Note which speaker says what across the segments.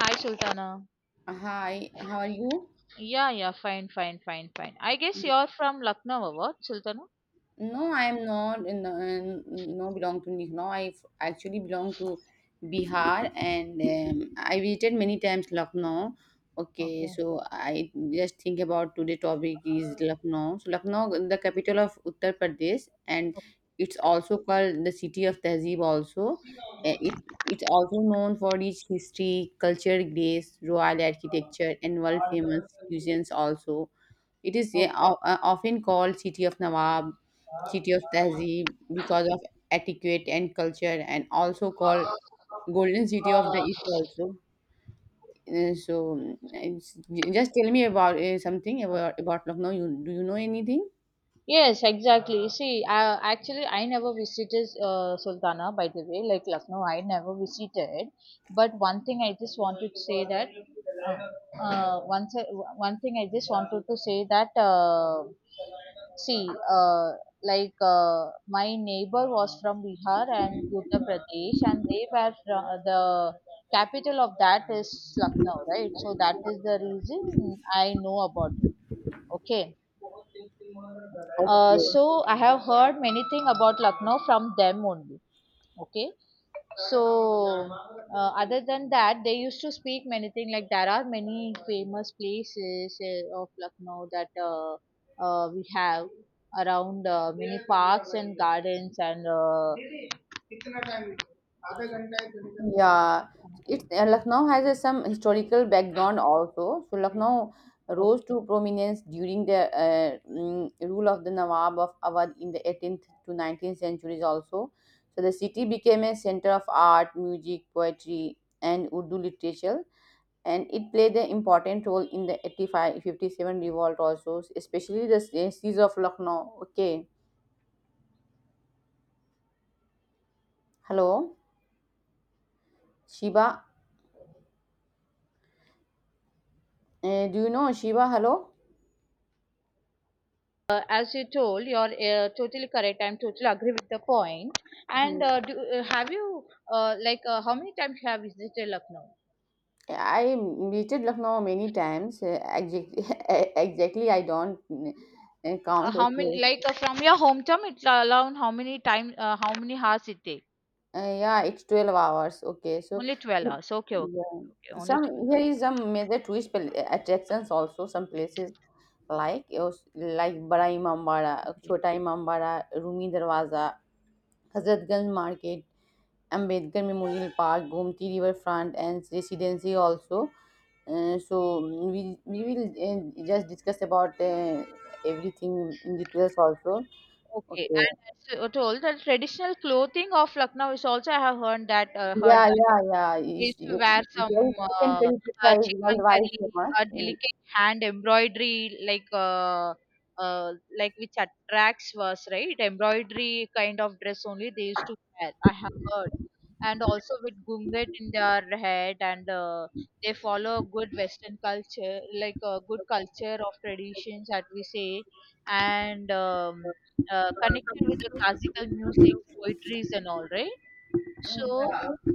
Speaker 1: Hi, Sultana.
Speaker 2: Hi, how are you?
Speaker 1: Yeah, yeah, fine, fine, fine, fine. I guess you're from Lucknow or what, Sultana?
Speaker 2: No, I am not in, no belong to Lucknow. Actually, belong to Bihar, and I visited many times Lucknow. Okay,
Speaker 1: Okay.
Speaker 2: so I just think about today topic is Lucknow. So Lucknow, the capital of Uttar Pradesh, and it's also called the city of Tehzeeb. Also, it's also known for its history, culture, grace, royal architecture, and world famous cuisines. Also, it is yeah,
Speaker 1: Okay.
Speaker 2: often called City of Nawab, city of tehzeeb because of etiquette and culture, and also called golden city of the east also. Uh, so mm, it's, just tell me about something about lucknow. You do you know anything?
Speaker 1: Yes, exactly. See, I, actually, I never visited Sultana, by the way, like Lucknow, I never visited. But one thing I just wanted to say that, once one thing I just wanted to say that. See, like my neighbor was from Bihar and Uttar Pradesh, and they were from the capital of that is Lucknow, right? So that is the reason I know about it. Okay. Uh,
Speaker 2: Okay.
Speaker 1: so I have heard many thing about Lucknow from them only. Okay. So, other than that, they used to speak many things. Like there are many famous places of Lucknow that we have around many parks and gardens. And Okay.
Speaker 2: Yeah, it Lucknow has a, some historical background also. So Lucknow rose to prominence during the rule of the Nawab of Awadh in the 18th to 19th centuries also. So the city became a center of art, music, poetry, and Urdu literature, and it played an important role in the 85 57 revolt also, especially the siege of Lucknow. Okay, hello, Shiva. Do you know Shiva? Hello.
Speaker 1: As you told, you're totally correct. I'm totally agree with the point. And have you like how many times you have visited Lucknow?
Speaker 2: I visited Lucknow many times. Exactly, exactly, I don't count.
Speaker 1: How many
Speaker 2: Okay,
Speaker 1: like from your hometown? It's around how many time? How many hours it takes?
Speaker 2: yeah, it's 12 hours. Okay, so
Speaker 1: Only 12
Speaker 2: mm,
Speaker 1: hours. Okay, okay,
Speaker 2: yeah.
Speaker 1: okay. Only
Speaker 2: Some
Speaker 1: 12
Speaker 2: here
Speaker 1: hours.
Speaker 2: is some major attractions also. Some places like Bada Imambara,
Speaker 1: Okay.
Speaker 2: Chota Imambara, Rumi Darwaza, Hazratganj Market, Ambedkar Memorial Park, Gomti Riverfront, and Residency also. We will just discuss about everything in details also.
Speaker 1: Okay,
Speaker 2: Okay.
Speaker 1: and as you told that traditional clothing of Lucknow is also I have heard that, heard
Speaker 2: Yeah, yeah, yeah.
Speaker 1: they
Speaker 2: Is
Speaker 1: used to wear some
Speaker 2: there is chicken
Speaker 1: uh,
Speaker 2: curry pizza
Speaker 1: uh,
Speaker 2: is
Speaker 1: chicken
Speaker 2: worldwide
Speaker 1: curry,
Speaker 2: famous.
Speaker 1: a
Speaker 2: In,
Speaker 1: delicate hand embroidery, uh, like which attracts was right? Embroidery kind of dress only they used to wear. I have heard, and also with gunget in their head, and they follow good Western culture, like a good culture of traditions that we say, and connected with the classical music, poetries, and all, right? So.
Speaker 2: yeah,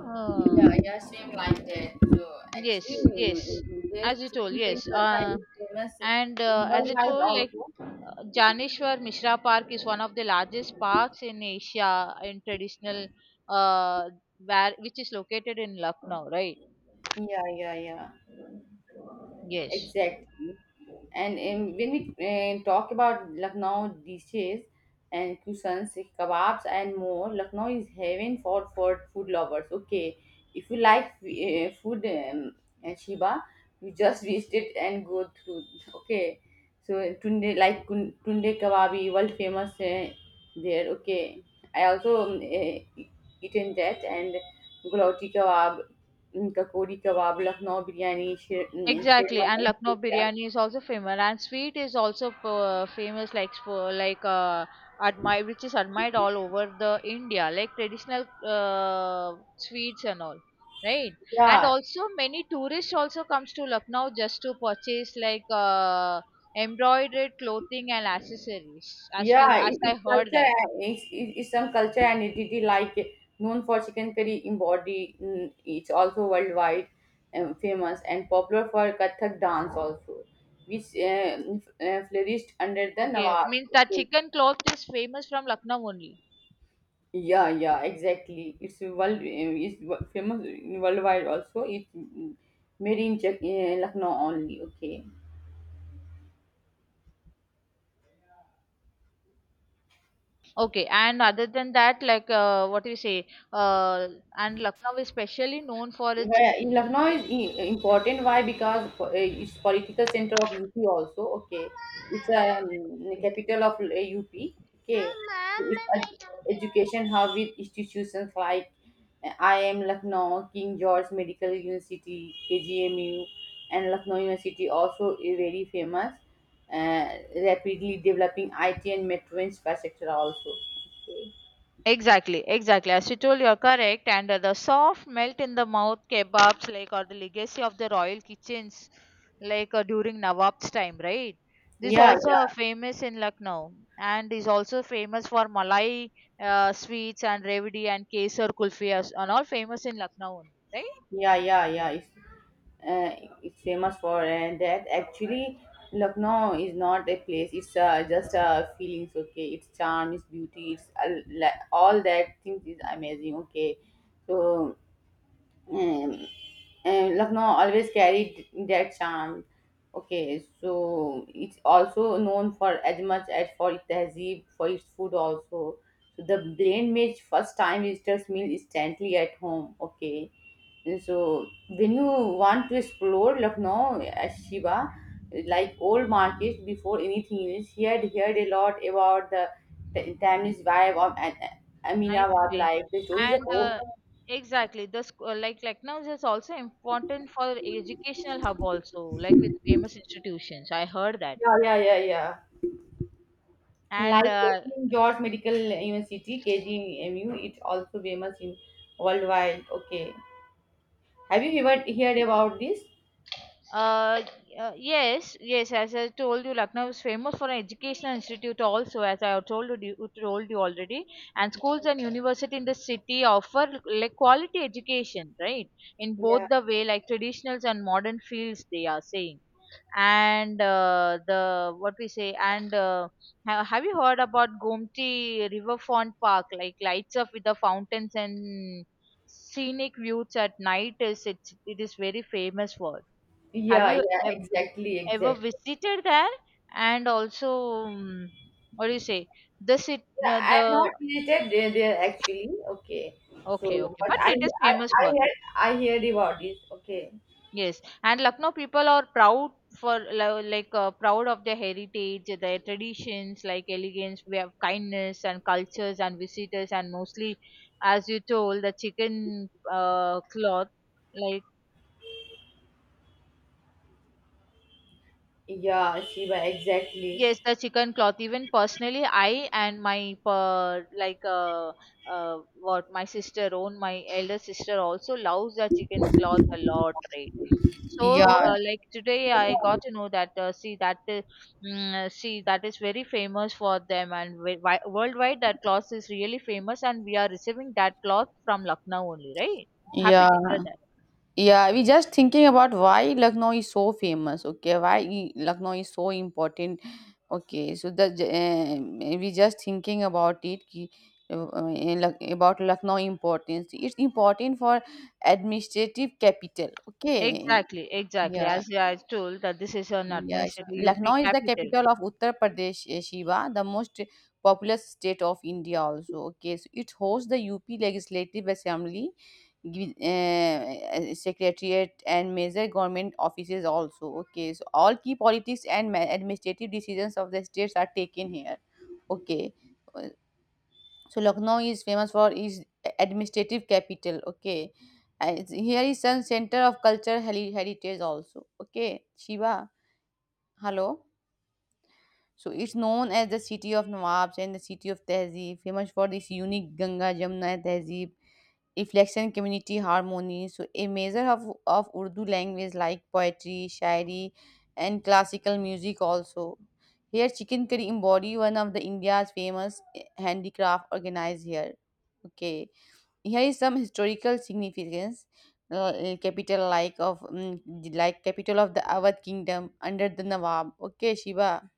Speaker 1: uh,
Speaker 2: yeah, yeah, same like that. So
Speaker 1: Yes,
Speaker 2: actually,
Speaker 1: yes.
Speaker 2: mm, this
Speaker 1: As you told,
Speaker 2: chicken curry
Speaker 1: yes.
Speaker 2: pizza is famous
Speaker 1: And as I
Speaker 2: worldwide
Speaker 1: told, like
Speaker 2: also.
Speaker 1: Janeshwar Mishra Park is one of the largest parks in Asia in traditional, uh, where which is located in Lucknow, right?
Speaker 2: Yeah, yeah, yeah.
Speaker 1: Yes.
Speaker 2: Exactly. And when we talk about Lucknow dishes and cuisines, eh, kebabs and more, Lucknow is heaven for food lovers. Okay, if you like food and Shiba, you just visit it and go through. Okay, so Tunde like Tunde kebabi, world famous there. Okay, I also eaten that, and gulauti kebab, mm, Kakori kebab, Lucknow biryani, Sher, mm,
Speaker 1: Exactly,
Speaker 2: Sherma.
Speaker 1: and Lucknow biryani is also famous, and sweet is also famous, like for like admired, which is admired all over the India, like traditional sweets and all, right? And
Speaker 2: Yeah,
Speaker 1: also many tourists also comes to Lucknow just to purchase like embroidered clothing and accessories, as we
Speaker 2: yeah.
Speaker 1: as I
Speaker 2: It's
Speaker 1: heard
Speaker 2: culture,
Speaker 1: that.
Speaker 2: and it's some culture and identity like known for chicken curry embody. Mm, it's also worldwide famous and popular for Kathak dance also, which flourished under the
Speaker 1: Okay,
Speaker 2: Nawab.
Speaker 1: means that
Speaker 2: Okay.
Speaker 1: chicken cloth is famous from Lucknow only.
Speaker 2: Yeah, yeah, exactly. It's world. It's famous worldwide also. It's mm, made in Czech, Lucknow only. Okay.
Speaker 1: Okay, and other than that, like what do you say? Uh, and Lucknow is specially known for its
Speaker 2: Yeah, in Lucknow is important. Why? Because it's political center of UP also. Okay, it's a capital of UP. Okay, so, it's an education hub with institutions like IIM Lucknow, King George Medical University, KGMU, and Lucknow University also eh, very famous. Uh, Rapidly developing IT and metro infrastructure also. Okay.
Speaker 1: exactly, exactly. As you told, you're correct. And the soft melt in the mouth kebabs, like, or the legacy of the royal kitchens, like during Nawab's time, right? This
Speaker 2: Yeah,
Speaker 1: also are
Speaker 2: yeah.
Speaker 1: famous in Lucknow, and is also famous for Malai sweets and Revdi and Kesar kulfi as- and all famous in Lucknow only, right?
Speaker 2: Yeah, yeah, yeah. It's famous for, and that actually Lucknow is not a place. It's just a feelings. Okay, its charm, its beauty, it's all that things is amazing. Okay, so um, Lucknow always carried that charm. Okay, so it's also known for as much as for its tehzeeb, for its food also. So the blend makes first time visitors meal instantly at home. Okay, and so when you want to explore Lucknow as Shiva, like old markets before anything else, he had heard a lot about the Tamiz vibe of
Speaker 1: Nice,
Speaker 2: Aminabad
Speaker 1: nice.
Speaker 2: life. The stories of
Speaker 1: And
Speaker 2: old.
Speaker 1: exactly, like Lucknow is also important for educational hub also, like with famous institutions. I heard that.
Speaker 2: Yeah, yeah, yeah, yeah.
Speaker 1: And
Speaker 2: Like King George Medical University (KGMU), it's also famous in worldwide. Okay, have you ever heard about this?
Speaker 1: uh, yes, yes, as I told you, Lucknow is famous for an educational institute also, as I have told you already. And schools and university in the city offer like quality education, right? In
Speaker 2: Yeah,
Speaker 1: both the way, like traditionals and modern fields, they are saying and the what we say and ha- have you heard about gomti riverfront park like lights up with the fountains and scenic views at night it is very famous for have
Speaker 2: yeah,
Speaker 1: you
Speaker 2: yeah.
Speaker 1: ev-
Speaker 2: Exactly,
Speaker 1: ever
Speaker 2: exactly.
Speaker 1: visited there and also um, what do you say the sit
Speaker 2: Yeah,
Speaker 1: the
Speaker 2: I'm not related there actually. Okay,
Speaker 1: okay
Speaker 2: so
Speaker 1: okay
Speaker 2: but
Speaker 1: but
Speaker 2: I,
Speaker 1: it is
Speaker 2: I,
Speaker 1: famous
Speaker 2: I
Speaker 1: for
Speaker 2: heard, I heard about this. Okay,
Speaker 1: yes, and Lucknow people are proud for lo- like proud of their heritage, their traditions, like elegance, we have kindness and cultures and visitors, and mostly, as you told, the chicken cloth. Like
Speaker 2: yeah, Shiva, exactly.
Speaker 1: yes, the chicken cloth. Even personally, I and my per, like what my sister own, my elder sister also loves the chicken cloth a lot, right? So,
Speaker 2: Yeah,
Speaker 1: like today, I got to know that see that see that is very famous for them and wi- wi- worldwide that cloth is really famous, and we are receiving that cloth from Lucknow only, right? Happy
Speaker 2: yeah.
Speaker 1: to hear that.
Speaker 2: Yeah, we just thinking about why Lucknow is so famous. Okay, why Lucknow is so important. Okay, so the we just thinking about it. About Lucknow importance. It's important for administrative capital. Okay,
Speaker 1: Exactly, exactly.
Speaker 2: yeah,
Speaker 1: As I told that this is an
Speaker 2: yeah, so
Speaker 1: administrative
Speaker 2: Lucknow
Speaker 1: UP
Speaker 2: is the
Speaker 1: capital.
Speaker 2: capital of Uttar Pradesh, eh, Shiva, the most populous state of India also. Okay, so it hosts the UP Legislative Assembly, Secretariat, and major government offices also. Okay, so all key politics and administrative decisions of the states are taken here. Okay, Uh, so Lucknow is famous for its administrative capital. Okay, and here is some center of culture heritage also. Okay, Shiva, hello. So it's known as the city of Nawabs and the city of Tehzeeb, famous for this unique Ganga Jamuna Tehzeeb, reflection community harmony. So a measure of Urdu language like poetry, shairi, and classical music also. Here, chicken curry embody one of the India's famous handicraft organized here. Okay, here is some historical significance. Capital like of mm, like Capital of the Awadh kingdom under the Nawab. Okay, Shiva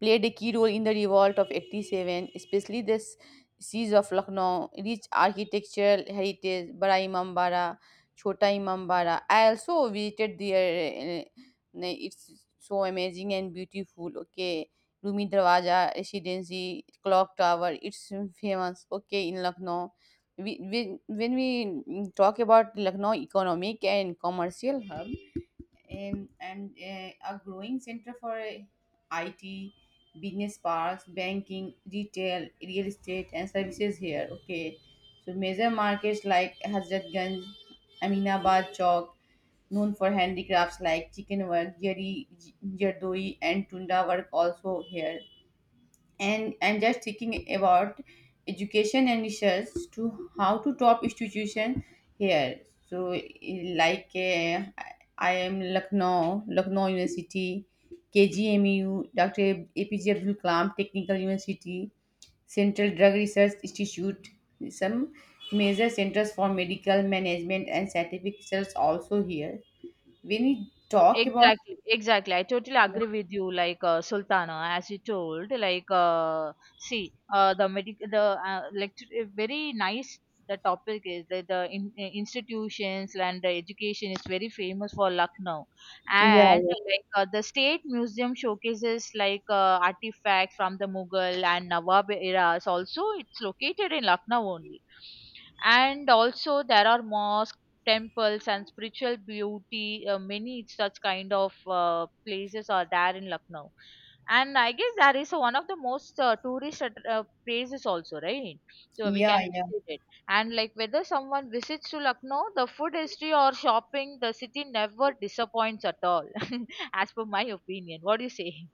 Speaker 2: played a key role in the revolt of 87, especially the siege of Lucknow, rich architectural heritage, Bara Imambara, Chota Imambara. I also visited there. It's so amazing and beautiful. Okay. Rumi Darwaja Residency, Clock Tower, it's famous. Okay, in Lucknow. When we mm, talk about Lucknow economic and commercial hub, and a growing center for IT, business parks, banking, retail, real estate, and services here. Okay, so major markets like Hazratganj, Aminabad Chowk, known for handicrafts like chicken work, jari, jardoi, and tunda work also here. And I'm just thinking about education and research to how to top institution here. So I am Lucknow, Lucknow University, KGMU, Dr. APJ Abdul Kalam Technical University, Central Drug Research Institute, some major centers for medical management and scientific research also here. When we talk about
Speaker 1: Exactly, exactly. I totally agree with you. Like Sultana, as you told, like see, the medic, the lecture, very nice. The topic is that the institutions and the education is very famous for Lucknow, and like the state museum showcases like artifacts from the Mughal and Nawab eras. Also, it's located in Lucknow only, and also there are mosques temples and spiritual beauty. Many such kind of places are there in Lucknow, and I guess that is one of the most tourist places also, right? So we
Speaker 2: yeah,
Speaker 1: can
Speaker 2: yeah.
Speaker 1: visit it. And like whether someone visits to Lucknow, the food history or shopping, the city never disappoints at all, as per my opinion. What do you say?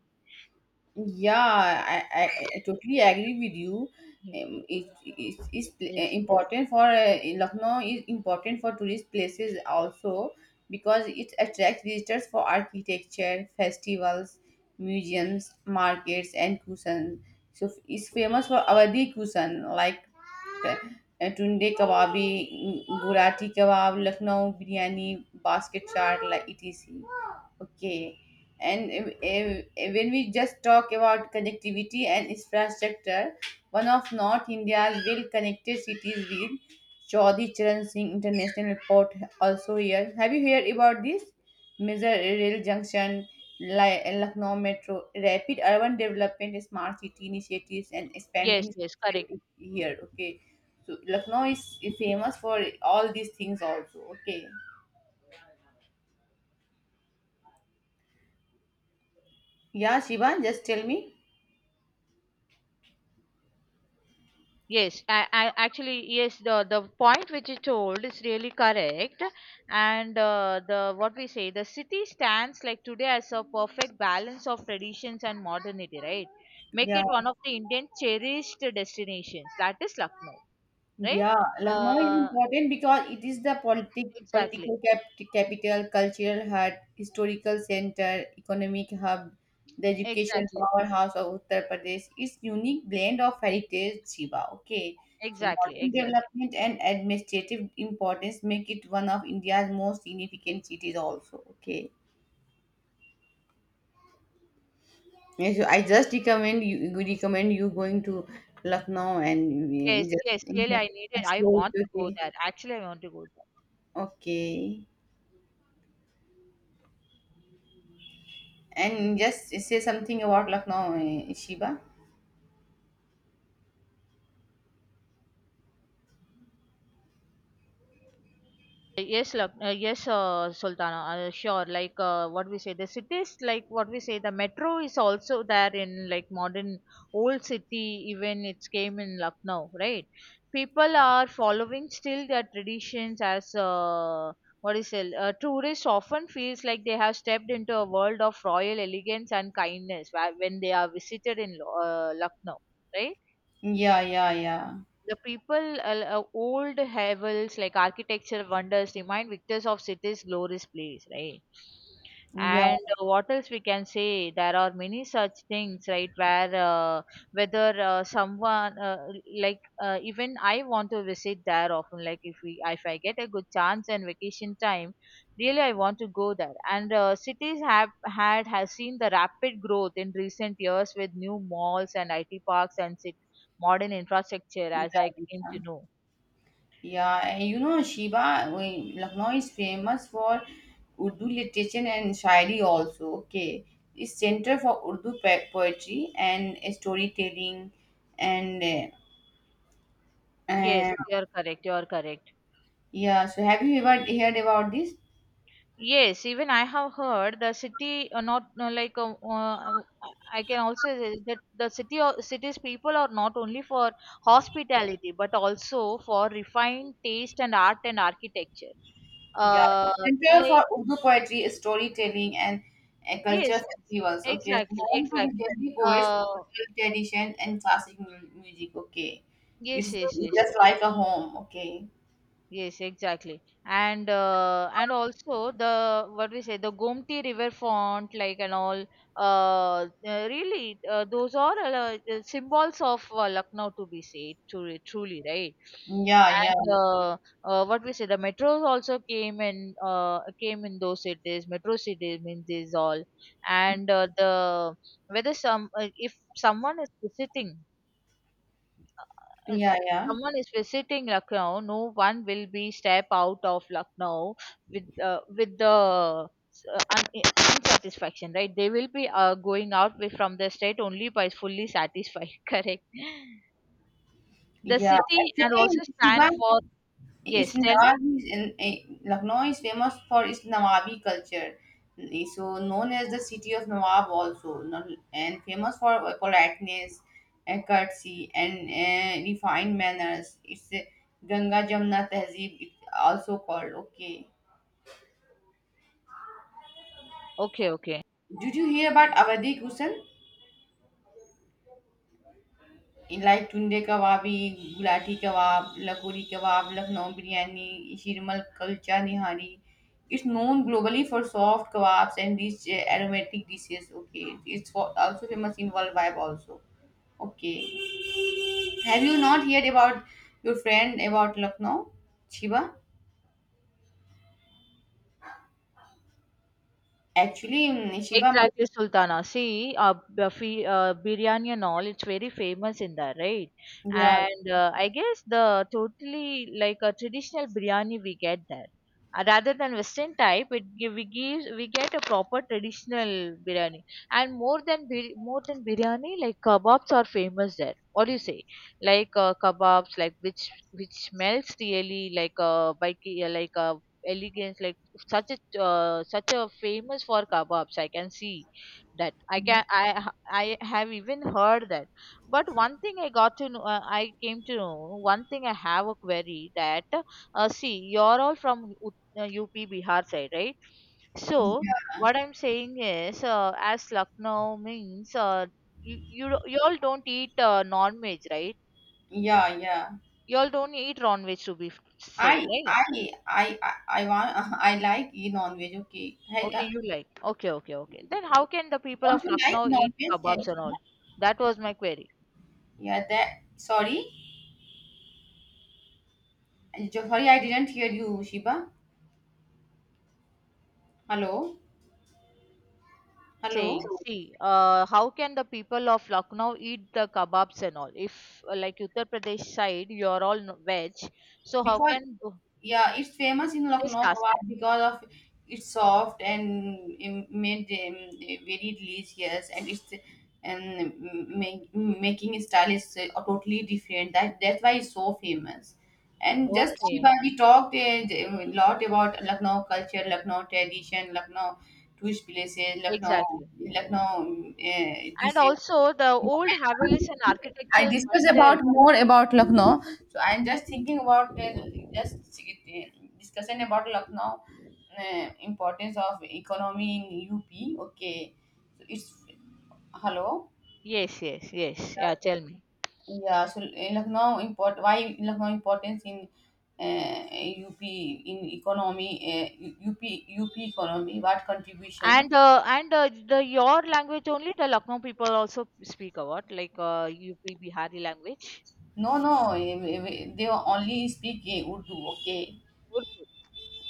Speaker 2: Yeah, I totally agree with you.
Speaker 1: Yes.
Speaker 2: Important for Lucknow is important for tourist places also, because it attracts visitors for architecture, festivals, museums, markets, and cuisine. So it's famous for Awadhi cuisine like ट टुंडे कबाबी, बुराटी kebab, Lucknow biryani, basket chaat, like etc. Okay, and when we just talk about connectivity and infrastructure, one of North India's well-connected cities with Chaudhry Charan Singh International Airport also here. Have you heard about this? Major rail junction, Lucknow Metro, rapid urban development, smart city initiatives, and
Speaker 1: Yes,
Speaker 2: expanding
Speaker 1: yes, correct.
Speaker 2: here. Okay, so Lucknow is famous for all these things also. Okay, yeah, Shivan, just tell me.
Speaker 1: Yes, I actually yes the point which you told is really correct, and the what we say the city stands like today as a perfect balance of traditions and modernity, right? Make
Speaker 2: Yeah.
Speaker 1: it one of the Indian cherished destinations. That is Lucknow, right?
Speaker 2: Yeah, Lucknow is
Speaker 1: Uh,
Speaker 2: important because it is the
Speaker 1: exactly,
Speaker 2: capital, cultural hub, historical center, economic hub, the education
Speaker 1: exactly,
Speaker 2: powerhouse of Uttar Pradesh. Its unique blend of heritage, Shiva. Okay, so
Speaker 1: exactly,
Speaker 2: modern
Speaker 1: exactly.
Speaker 2: development and administrative importance make it one of India's most significant cities. Also, okay. Yes, so I just recommend you you recommend you going to Lucknow, and
Speaker 1: Yes, yes. Really,
Speaker 2: just
Speaker 1: I need it. I
Speaker 2: explore
Speaker 1: want to
Speaker 2: it.
Speaker 1: go
Speaker 2: Okay.
Speaker 1: there. Actually, I want to go
Speaker 2: Okay. And just say something about Lucknow, eh, Sheba.
Speaker 1: yes, Lak- yes, Sultana, sure. Like what we say, the cities, like what we say, the metro is also there in like modern old city. Even it's came in Lucknow, right? People are following still their traditions as what is it? Tourists often feels like they have stepped into a world of royal elegance and kindness wh- when they are visited in Lo- Lucknow, right?
Speaker 2: Yeah, yeah, yeah,
Speaker 1: The people, old havels like architecture wonders remind victors of city's glorious place, right?
Speaker 2: yeah,
Speaker 1: And what else we can say? There are many such things, right? Where whether someone like even I want to visit there often. Like if we if I get a good chance and vacation time, really I want to go there. And cities have had has seen the rapid growth in recent years with new malls and IT parks and cities modern infrastructure
Speaker 2: yeah,
Speaker 1: as I came
Speaker 2: yeah.
Speaker 1: to know.
Speaker 2: Yeah, and you know, Sheba, Lucknow is famous for Urdu literature and Shairi also. Okay, it's center for Urdu poetry and eh, storytelling, and
Speaker 1: Yes,
Speaker 2: uh,
Speaker 1: you are correct. You are correct.
Speaker 2: yeah. So, have you ever heard about this?
Speaker 1: Yes, even I have heard the city not no, like I can also say that the city o- cities people are not only for hospitality but also for refined taste and art and architecture.
Speaker 2: Yeah,
Speaker 1: Uh,
Speaker 2: center
Speaker 1: like
Speaker 2: for Urdu poetry is storytelling and
Speaker 1: yes,
Speaker 2: culture festivals. Okay, so
Speaker 1: exactly,
Speaker 2: home to the
Speaker 1: exactly.
Speaker 2: Delhi poets,
Speaker 1: Uh,
Speaker 2: cultural tradition, and classic music. Okay,
Speaker 1: yes,
Speaker 2: it's
Speaker 1: yes,
Speaker 2: it's
Speaker 1: yes.
Speaker 2: just like a home. Okay,
Speaker 1: Yes, exactly. And also the what we say the Gomti River font like and all really those are symbols of Lucknow to be said truly, truly right.
Speaker 2: yeah, yeah,
Speaker 1: And what we say the metros also came in came in those cities metro cities means these all and the whether some if someone is visiting if
Speaker 2: yeah, yeah,
Speaker 1: someone is visiting Lucknow, no one will be step out of Lucknow with the unsatisfaction, right? They will be going out with, from the state only by fully satisfied. Correct. The
Speaker 2: yeah.
Speaker 1: city and
Speaker 2: Actually,
Speaker 1: also
Speaker 2: Shiba,
Speaker 1: stand for
Speaker 2: it's
Speaker 1: yes. Tell me.
Speaker 2: Nawabis in eh, Lucknow is famous for its Nawabi culture. Eh, so known as the city of Nawab also, and famous for politeness, and courtesy, and refined manners. It's Ganga Jamna Tehzeeb, it's also called. Okay.
Speaker 1: Okay. Okay.
Speaker 2: Did you hear about Awadhi Kusan? Like Tunday Kababi, Galouti kebab, lakori kebab, Lucknow biryani, Shirmal kulcha nihari. It's known globally for soft kebabs and rich aromatic dishes. Okay, it's for, also famous in world vibe also. Okay, have you not heard about your friend about Lucknow, Shiva? Actually, mm, Shiva,
Speaker 1: Exactly, Sultana. See, Buffy, biryani and all, it's very famous in there, right?
Speaker 2: ma-
Speaker 1: And I guess the totally like a traditional biryani we get there. Rather than Western type, it gi- we gives we get a proper traditional biryani, and more than bir- more than biryani, like kebabs are famous there. What do you say? Like kebabs, like which smells really like like elegance like such a such a famous for kebabs I can see that I
Speaker 2: yeah,
Speaker 1: can I have even heard that but one thing I got to know I came to know one thing I have a query that see you're all from U- up bihar side right so what I'm saying is, as Lucknow means, you you all don't eat non-veg, right?
Speaker 2: yeah, yeah.
Speaker 1: You all don't eat non-veg to be f- saying,
Speaker 2: I,
Speaker 1: right?
Speaker 2: I, I, I, I want. I like e non veg. Okay, hey,
Speaker 1: Okay, you like. Okay, okay, okay. Then how can the people
Speaker 2: don't
Speaker 1: of
Speaker 2: you like
Speaker 1: Lucknow
Speaker 2: non
Speaker 1: eat
Speaker 2: veg?
Speaker 1: kebabs and all? That was my query.
Speaker 2: Yeah, that. Sorry, sorry, I didn't hear you, Shiba. Hello, hello.
Speaker 1: Saying, see, how can the people of Lucknow eat the kebabs and all? If like Uttar Pradesh side, you are all no- veg, so how
Speaker 2: Because
Speaker 1: can th-
Speaker 2: yeah, it's famous in
Speaker 1: just
Speaker 2: Lucknow kebab
Speaker 1: asking?
Speaker 2: because of it's soft and made very delicious, and it's and making style is totally different. That that's why it's so famous. And just Shiba,
Speaker 1: Okay,
Speaker 2: we talked a lot about Lucknow culture, Lucknow tradition, Lucknow tourist places, Lucknow,
Speaker 1: exactly.
Speaker 2: Lucknow
Speaker 1: And
Speaker 2: this.
Speaker 1: also the old Havelis and
Speaker 2: I
Speaker 1: architectural
Speaker 2: discuss
Speaker 1: wonders.
Speaker 2: about more about Lucknow. So I'm just thinking about just discussing about Lucknow importance of economy in UP. Okay, so it's hello.
Speaker 1: Yes, yes, yes. Yeah, tell me.
Speaker 2: Yeah, so in Lucknow import why Lucknow importance in UP in economy UP economy what contribution?
Speaker 1: And the your language only the Lucknow people also speak a lot, like UP Bihari language.
Speaker 2: No, no, they only speak eh, Urdu. Okay.
Speaker 1: Urdu.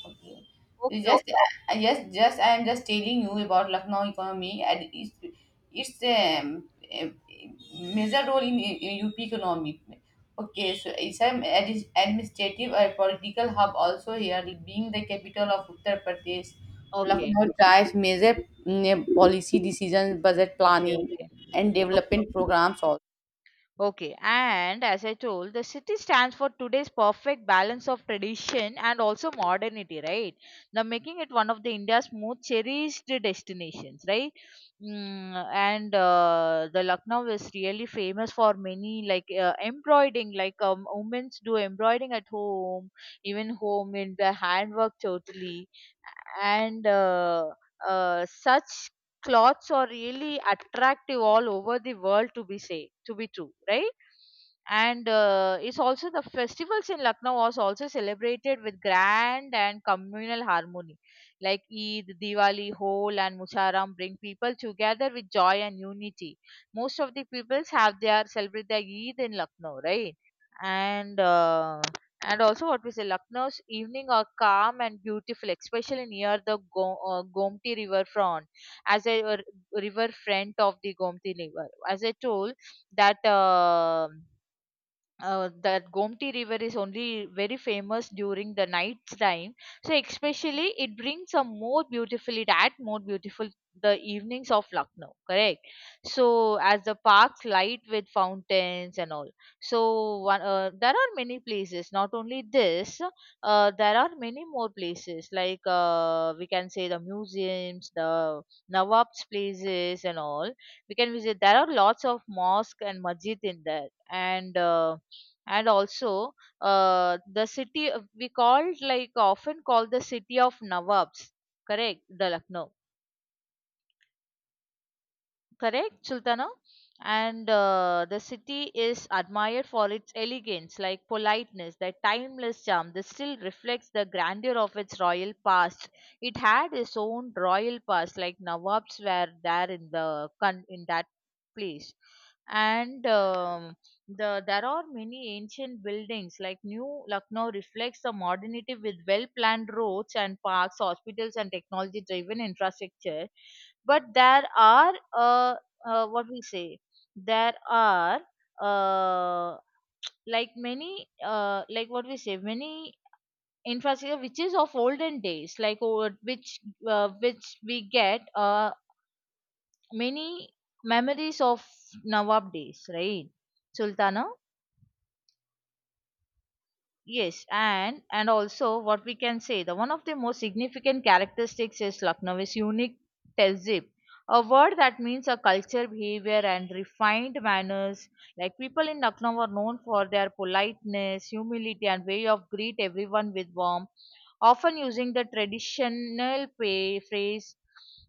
Speaker 2: Okay. You
Speaker 1: Okay.
Speaker 2: just I am just telling you about Lucknow economy and its eh, major role in UP economy. Okay, so it's an administrative or political hub also here, being the capital of Uttar Pradesh.
Speaker 1: Okay.
Speaker 2: Lucknow drives major mm, policy decisions, budget
Speaker 1: Okay,
Speaker 2: planning,
Speaker 1: okay,
Speaker 2: and
Speaker 1: okay, okay.
Speaker 2: development programs also.
Speaker 1: Okay, and as I told, the city stands for today's perfect balance of tradition and also modernity, right? Now, making it one of the India's most cherished destinations, right? Mm, and the Lucknow is really famous for many like embroidering, like women do embroidering at home, even home in their handwork totally and such cloths are really attractive all over the world to be say to be true, right. And it's also the festivals in Lucknow was also celebrated with grand and communal harmony, like Eid, Diwali, Hol and Muharram bring people together with joy and unity. Most of the peoples have their celebrate their Eid in Lucknow, right? And uh, and also, what we say, Lucknow's evening are calm and beautiful, especially near the Gomti River front, as a r- river front of the Gomti River. As I told that. That Gomti River is only very famous during the night time. So especially it brings a more beautiful, it add more beautiful the evenings of Lucknow, correct? So as the parks light with fountains and all. So one, there are many places, not only this, there are many more places like we can say the museums, the Nawab's places and all. We can visit, there are lots of mosque and masjid in there, and also the city we called like often called the city of Nawabs, correct, the Lucknow, correct, Sultana. And the city is admired for its elegance like politeness, that timeless charm this still reflects the grandeur of its royal past. It had its own royal past, like Nawabs were there in the in that place. And the there are many ancient buildings, like new Lucknow reflects the modernity with well planned roads and parks, hospitals and technology driven infrastructure. But there are what we say, there are uh, like many like what we say, many infrastructure which is of olden days, like which we get many memories of Nawab days, right, Sultana. Yes, and also what we can say, the one of the most significant characteristics is Lucknow's unique tehzeeb, a word that means a culture, behavior, and refined manners. Like people in Lucknow are known for their politeness, humility, and way of greet everyone with warmth, often using the traditional phrase.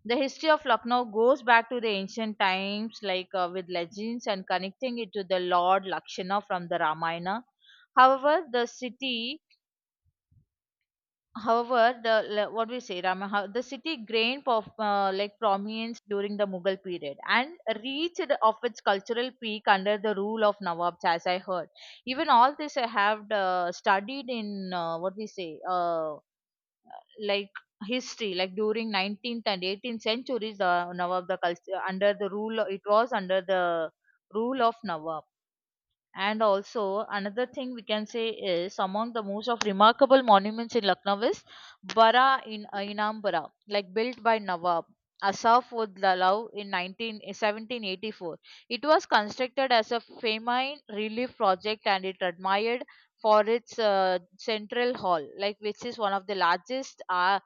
Speaker 1: The history of Lucknow goes back to the ancient times, like with legends and connecting it to the Lord Lakshana from the Ramayana. However, the city, however, the what we say, Rama, how, the city gained of like prominence during the Mughal period and reached of its cultural peak under the rule of Nawabs, as I heard. Even all this I have studied in what we say, like history, like during 19th and 18th centuries, the Nawab the culture under the rule, it was under the rule of Nawab. And also, another thing we can say is among the most of remarkable monuments in Lucknow is Bara in Inambara, like built by Nawab Asaf Ud Lalau in 1784. It was constructed as a famine relief project and it admired for its central hall, like which is one of the largest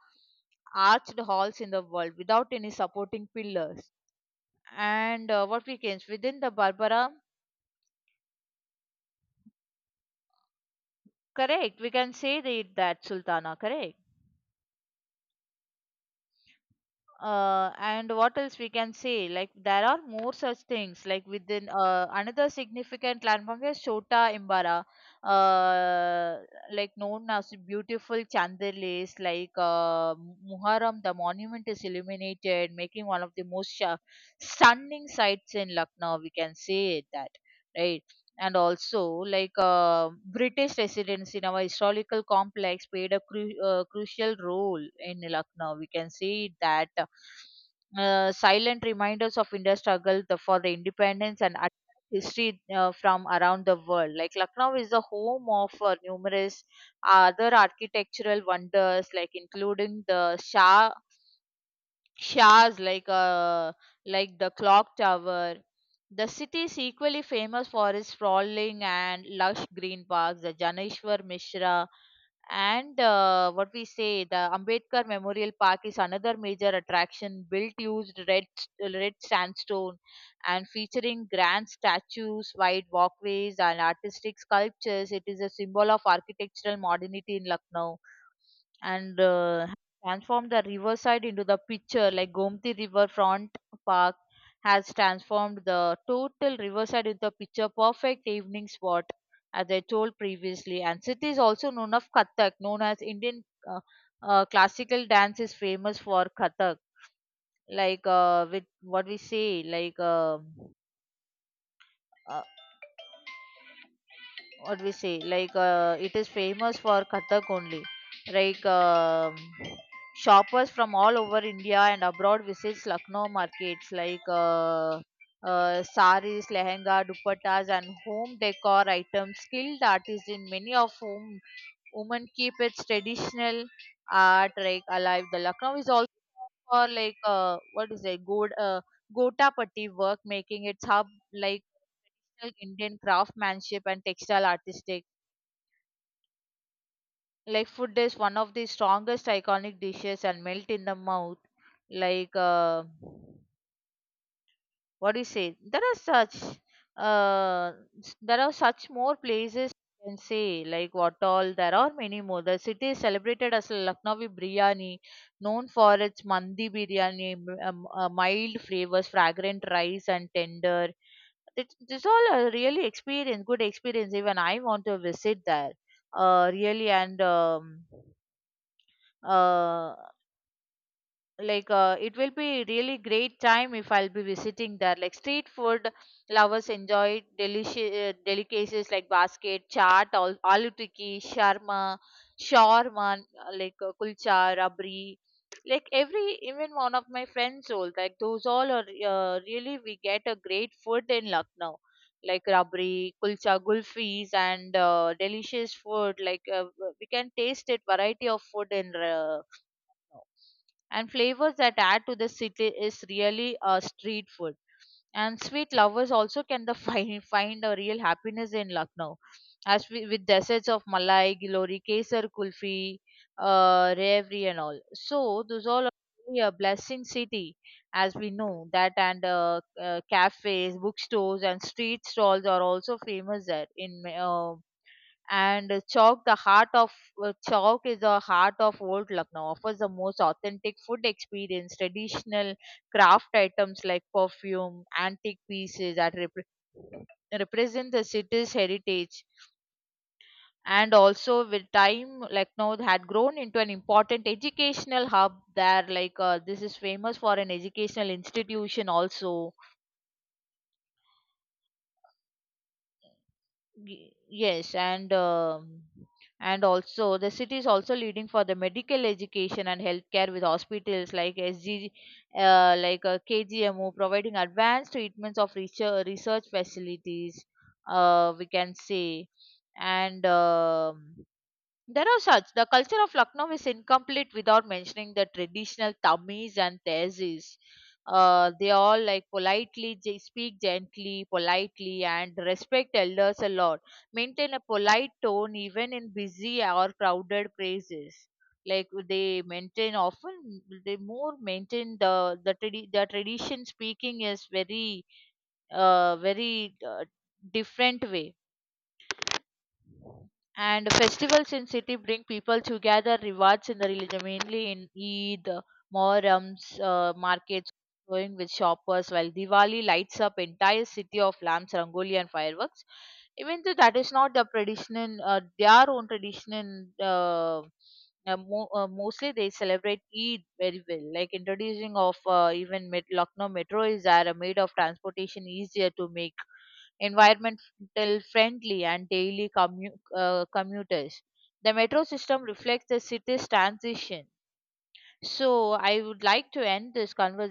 Speaker 1: arched halls in the world without any supporting pillars. And what we can within the Barbara. Correct. We can say the, that Sultana. Correct. And what else we can say? Like there are more such things. Like within another significant landmark is Chota Imbara, uh, like known as beautiful chandeliers. Like Muharram, the monument is illuminated, making one of the most stunning sights in Lucknow. We can say that, right? And also like British residents in our historical complex played a crucial role in Lucknow, we can see that. Uh, silent reminders of India's struggle the, for the independence and history from around the world. Like Lucknow is the home of numerous other architectural wonders like including the shah Shahs like the clock tower. The city is equally famous for its sprawling and lush green parks, the Janeshwar Mishra, and what we say, the Ambedkar Memorial Park is another major attraction built used red sandstone and featuring grand statues, wide walkways, and artistic sculptures. It is a symbol of architectural modernity in Lucknow. And transformed the riverside into the picture, like Gomti Riverfront park has transformed the total riverside into a picture perfect evening spot, as I told previously. And city is also known of Kathak, known as Indian uh, classical dance is famous for Kathak, like with what we say like uh, what we say like it is famous for Kathak only, like shoppers from all over India and abroad visits Lucknow markets, like saris, lehenga, dupattas and home decor items. Skilled artists in many of whom women keep its traditional art like alive. The Lucknow is also for, like what is it good, gota patti work, making its hub like Indian craftsmanship and textile artistic. Like food is one of the strongest iconic dishes and melt in the mouth, like what do you say, there are such uh, there are such more places you can say, like what all, there are many more. The city is celebrated as Lucknowi biryani, known for its mandi biryani, mild flavors, fragrant rice and tender. It it's all a really experience, good experience. Even I want to visit there really. And uh like it will be really great time if I'll be visiting there. Like street food lovers enjoy delicious delicacies like basket chaat, aloo tikki, sharma, shawarma, like kulcha, rabri. Like every even one of my friends sold, like those all are really we get a great food in Lucknow, like rabri, kulcha, gulfis, and delicious food. Like we can taste it variety of food in no, and flavors that add to the city is really street food. And sweet lovers also can the find find a real happiness in Lucknow, as we, with desserts of malai, gilori, kesar, kulfi, revri, and all. So those all are really a blessing city, as we know that. And cafes, bookstores, and street stalls are also famous there in Ma- uh, and Chowk, the heart of Chowk is the heart of old Lucknow, offers the most authentic food experience. Traditional craft items like perfume, antique pieces that represent the city's heritage. And also, with time, Lucknow had grown into an important educational hub there. Like, this is famous for an educational institution also. Yes. And and also the city is also leading for the medical education and healthcare with hospitals like SG, like KGMO, providing advanced treatments of research, research facilities, we can say. And there are such. The culture of Lucknow is incomplete without mentioning the traditional Tamis and Tezis. They all like politely they speak gently, politely, and respect elders a lot. Maintain a polite tone even in busy or crowded places. Like they maintain often, they more maintain the the tradition. Speaking is very uh very uh, different way. And festivals in city bring people together rewards in the religion mainly in Eid, mohrams, markets going with shoppers, while Diwali lights up entire city of lamps, rangoli and fireworks. Even though that is not the tradition, their own tradition, mostly they celebrate Eid very well. Like introducing of even Lucknow metro is there, a made of transportation easier to make environment environmental friendly and daily commuters. The metro system reflects the city's transition. So, I would like to end this conversation.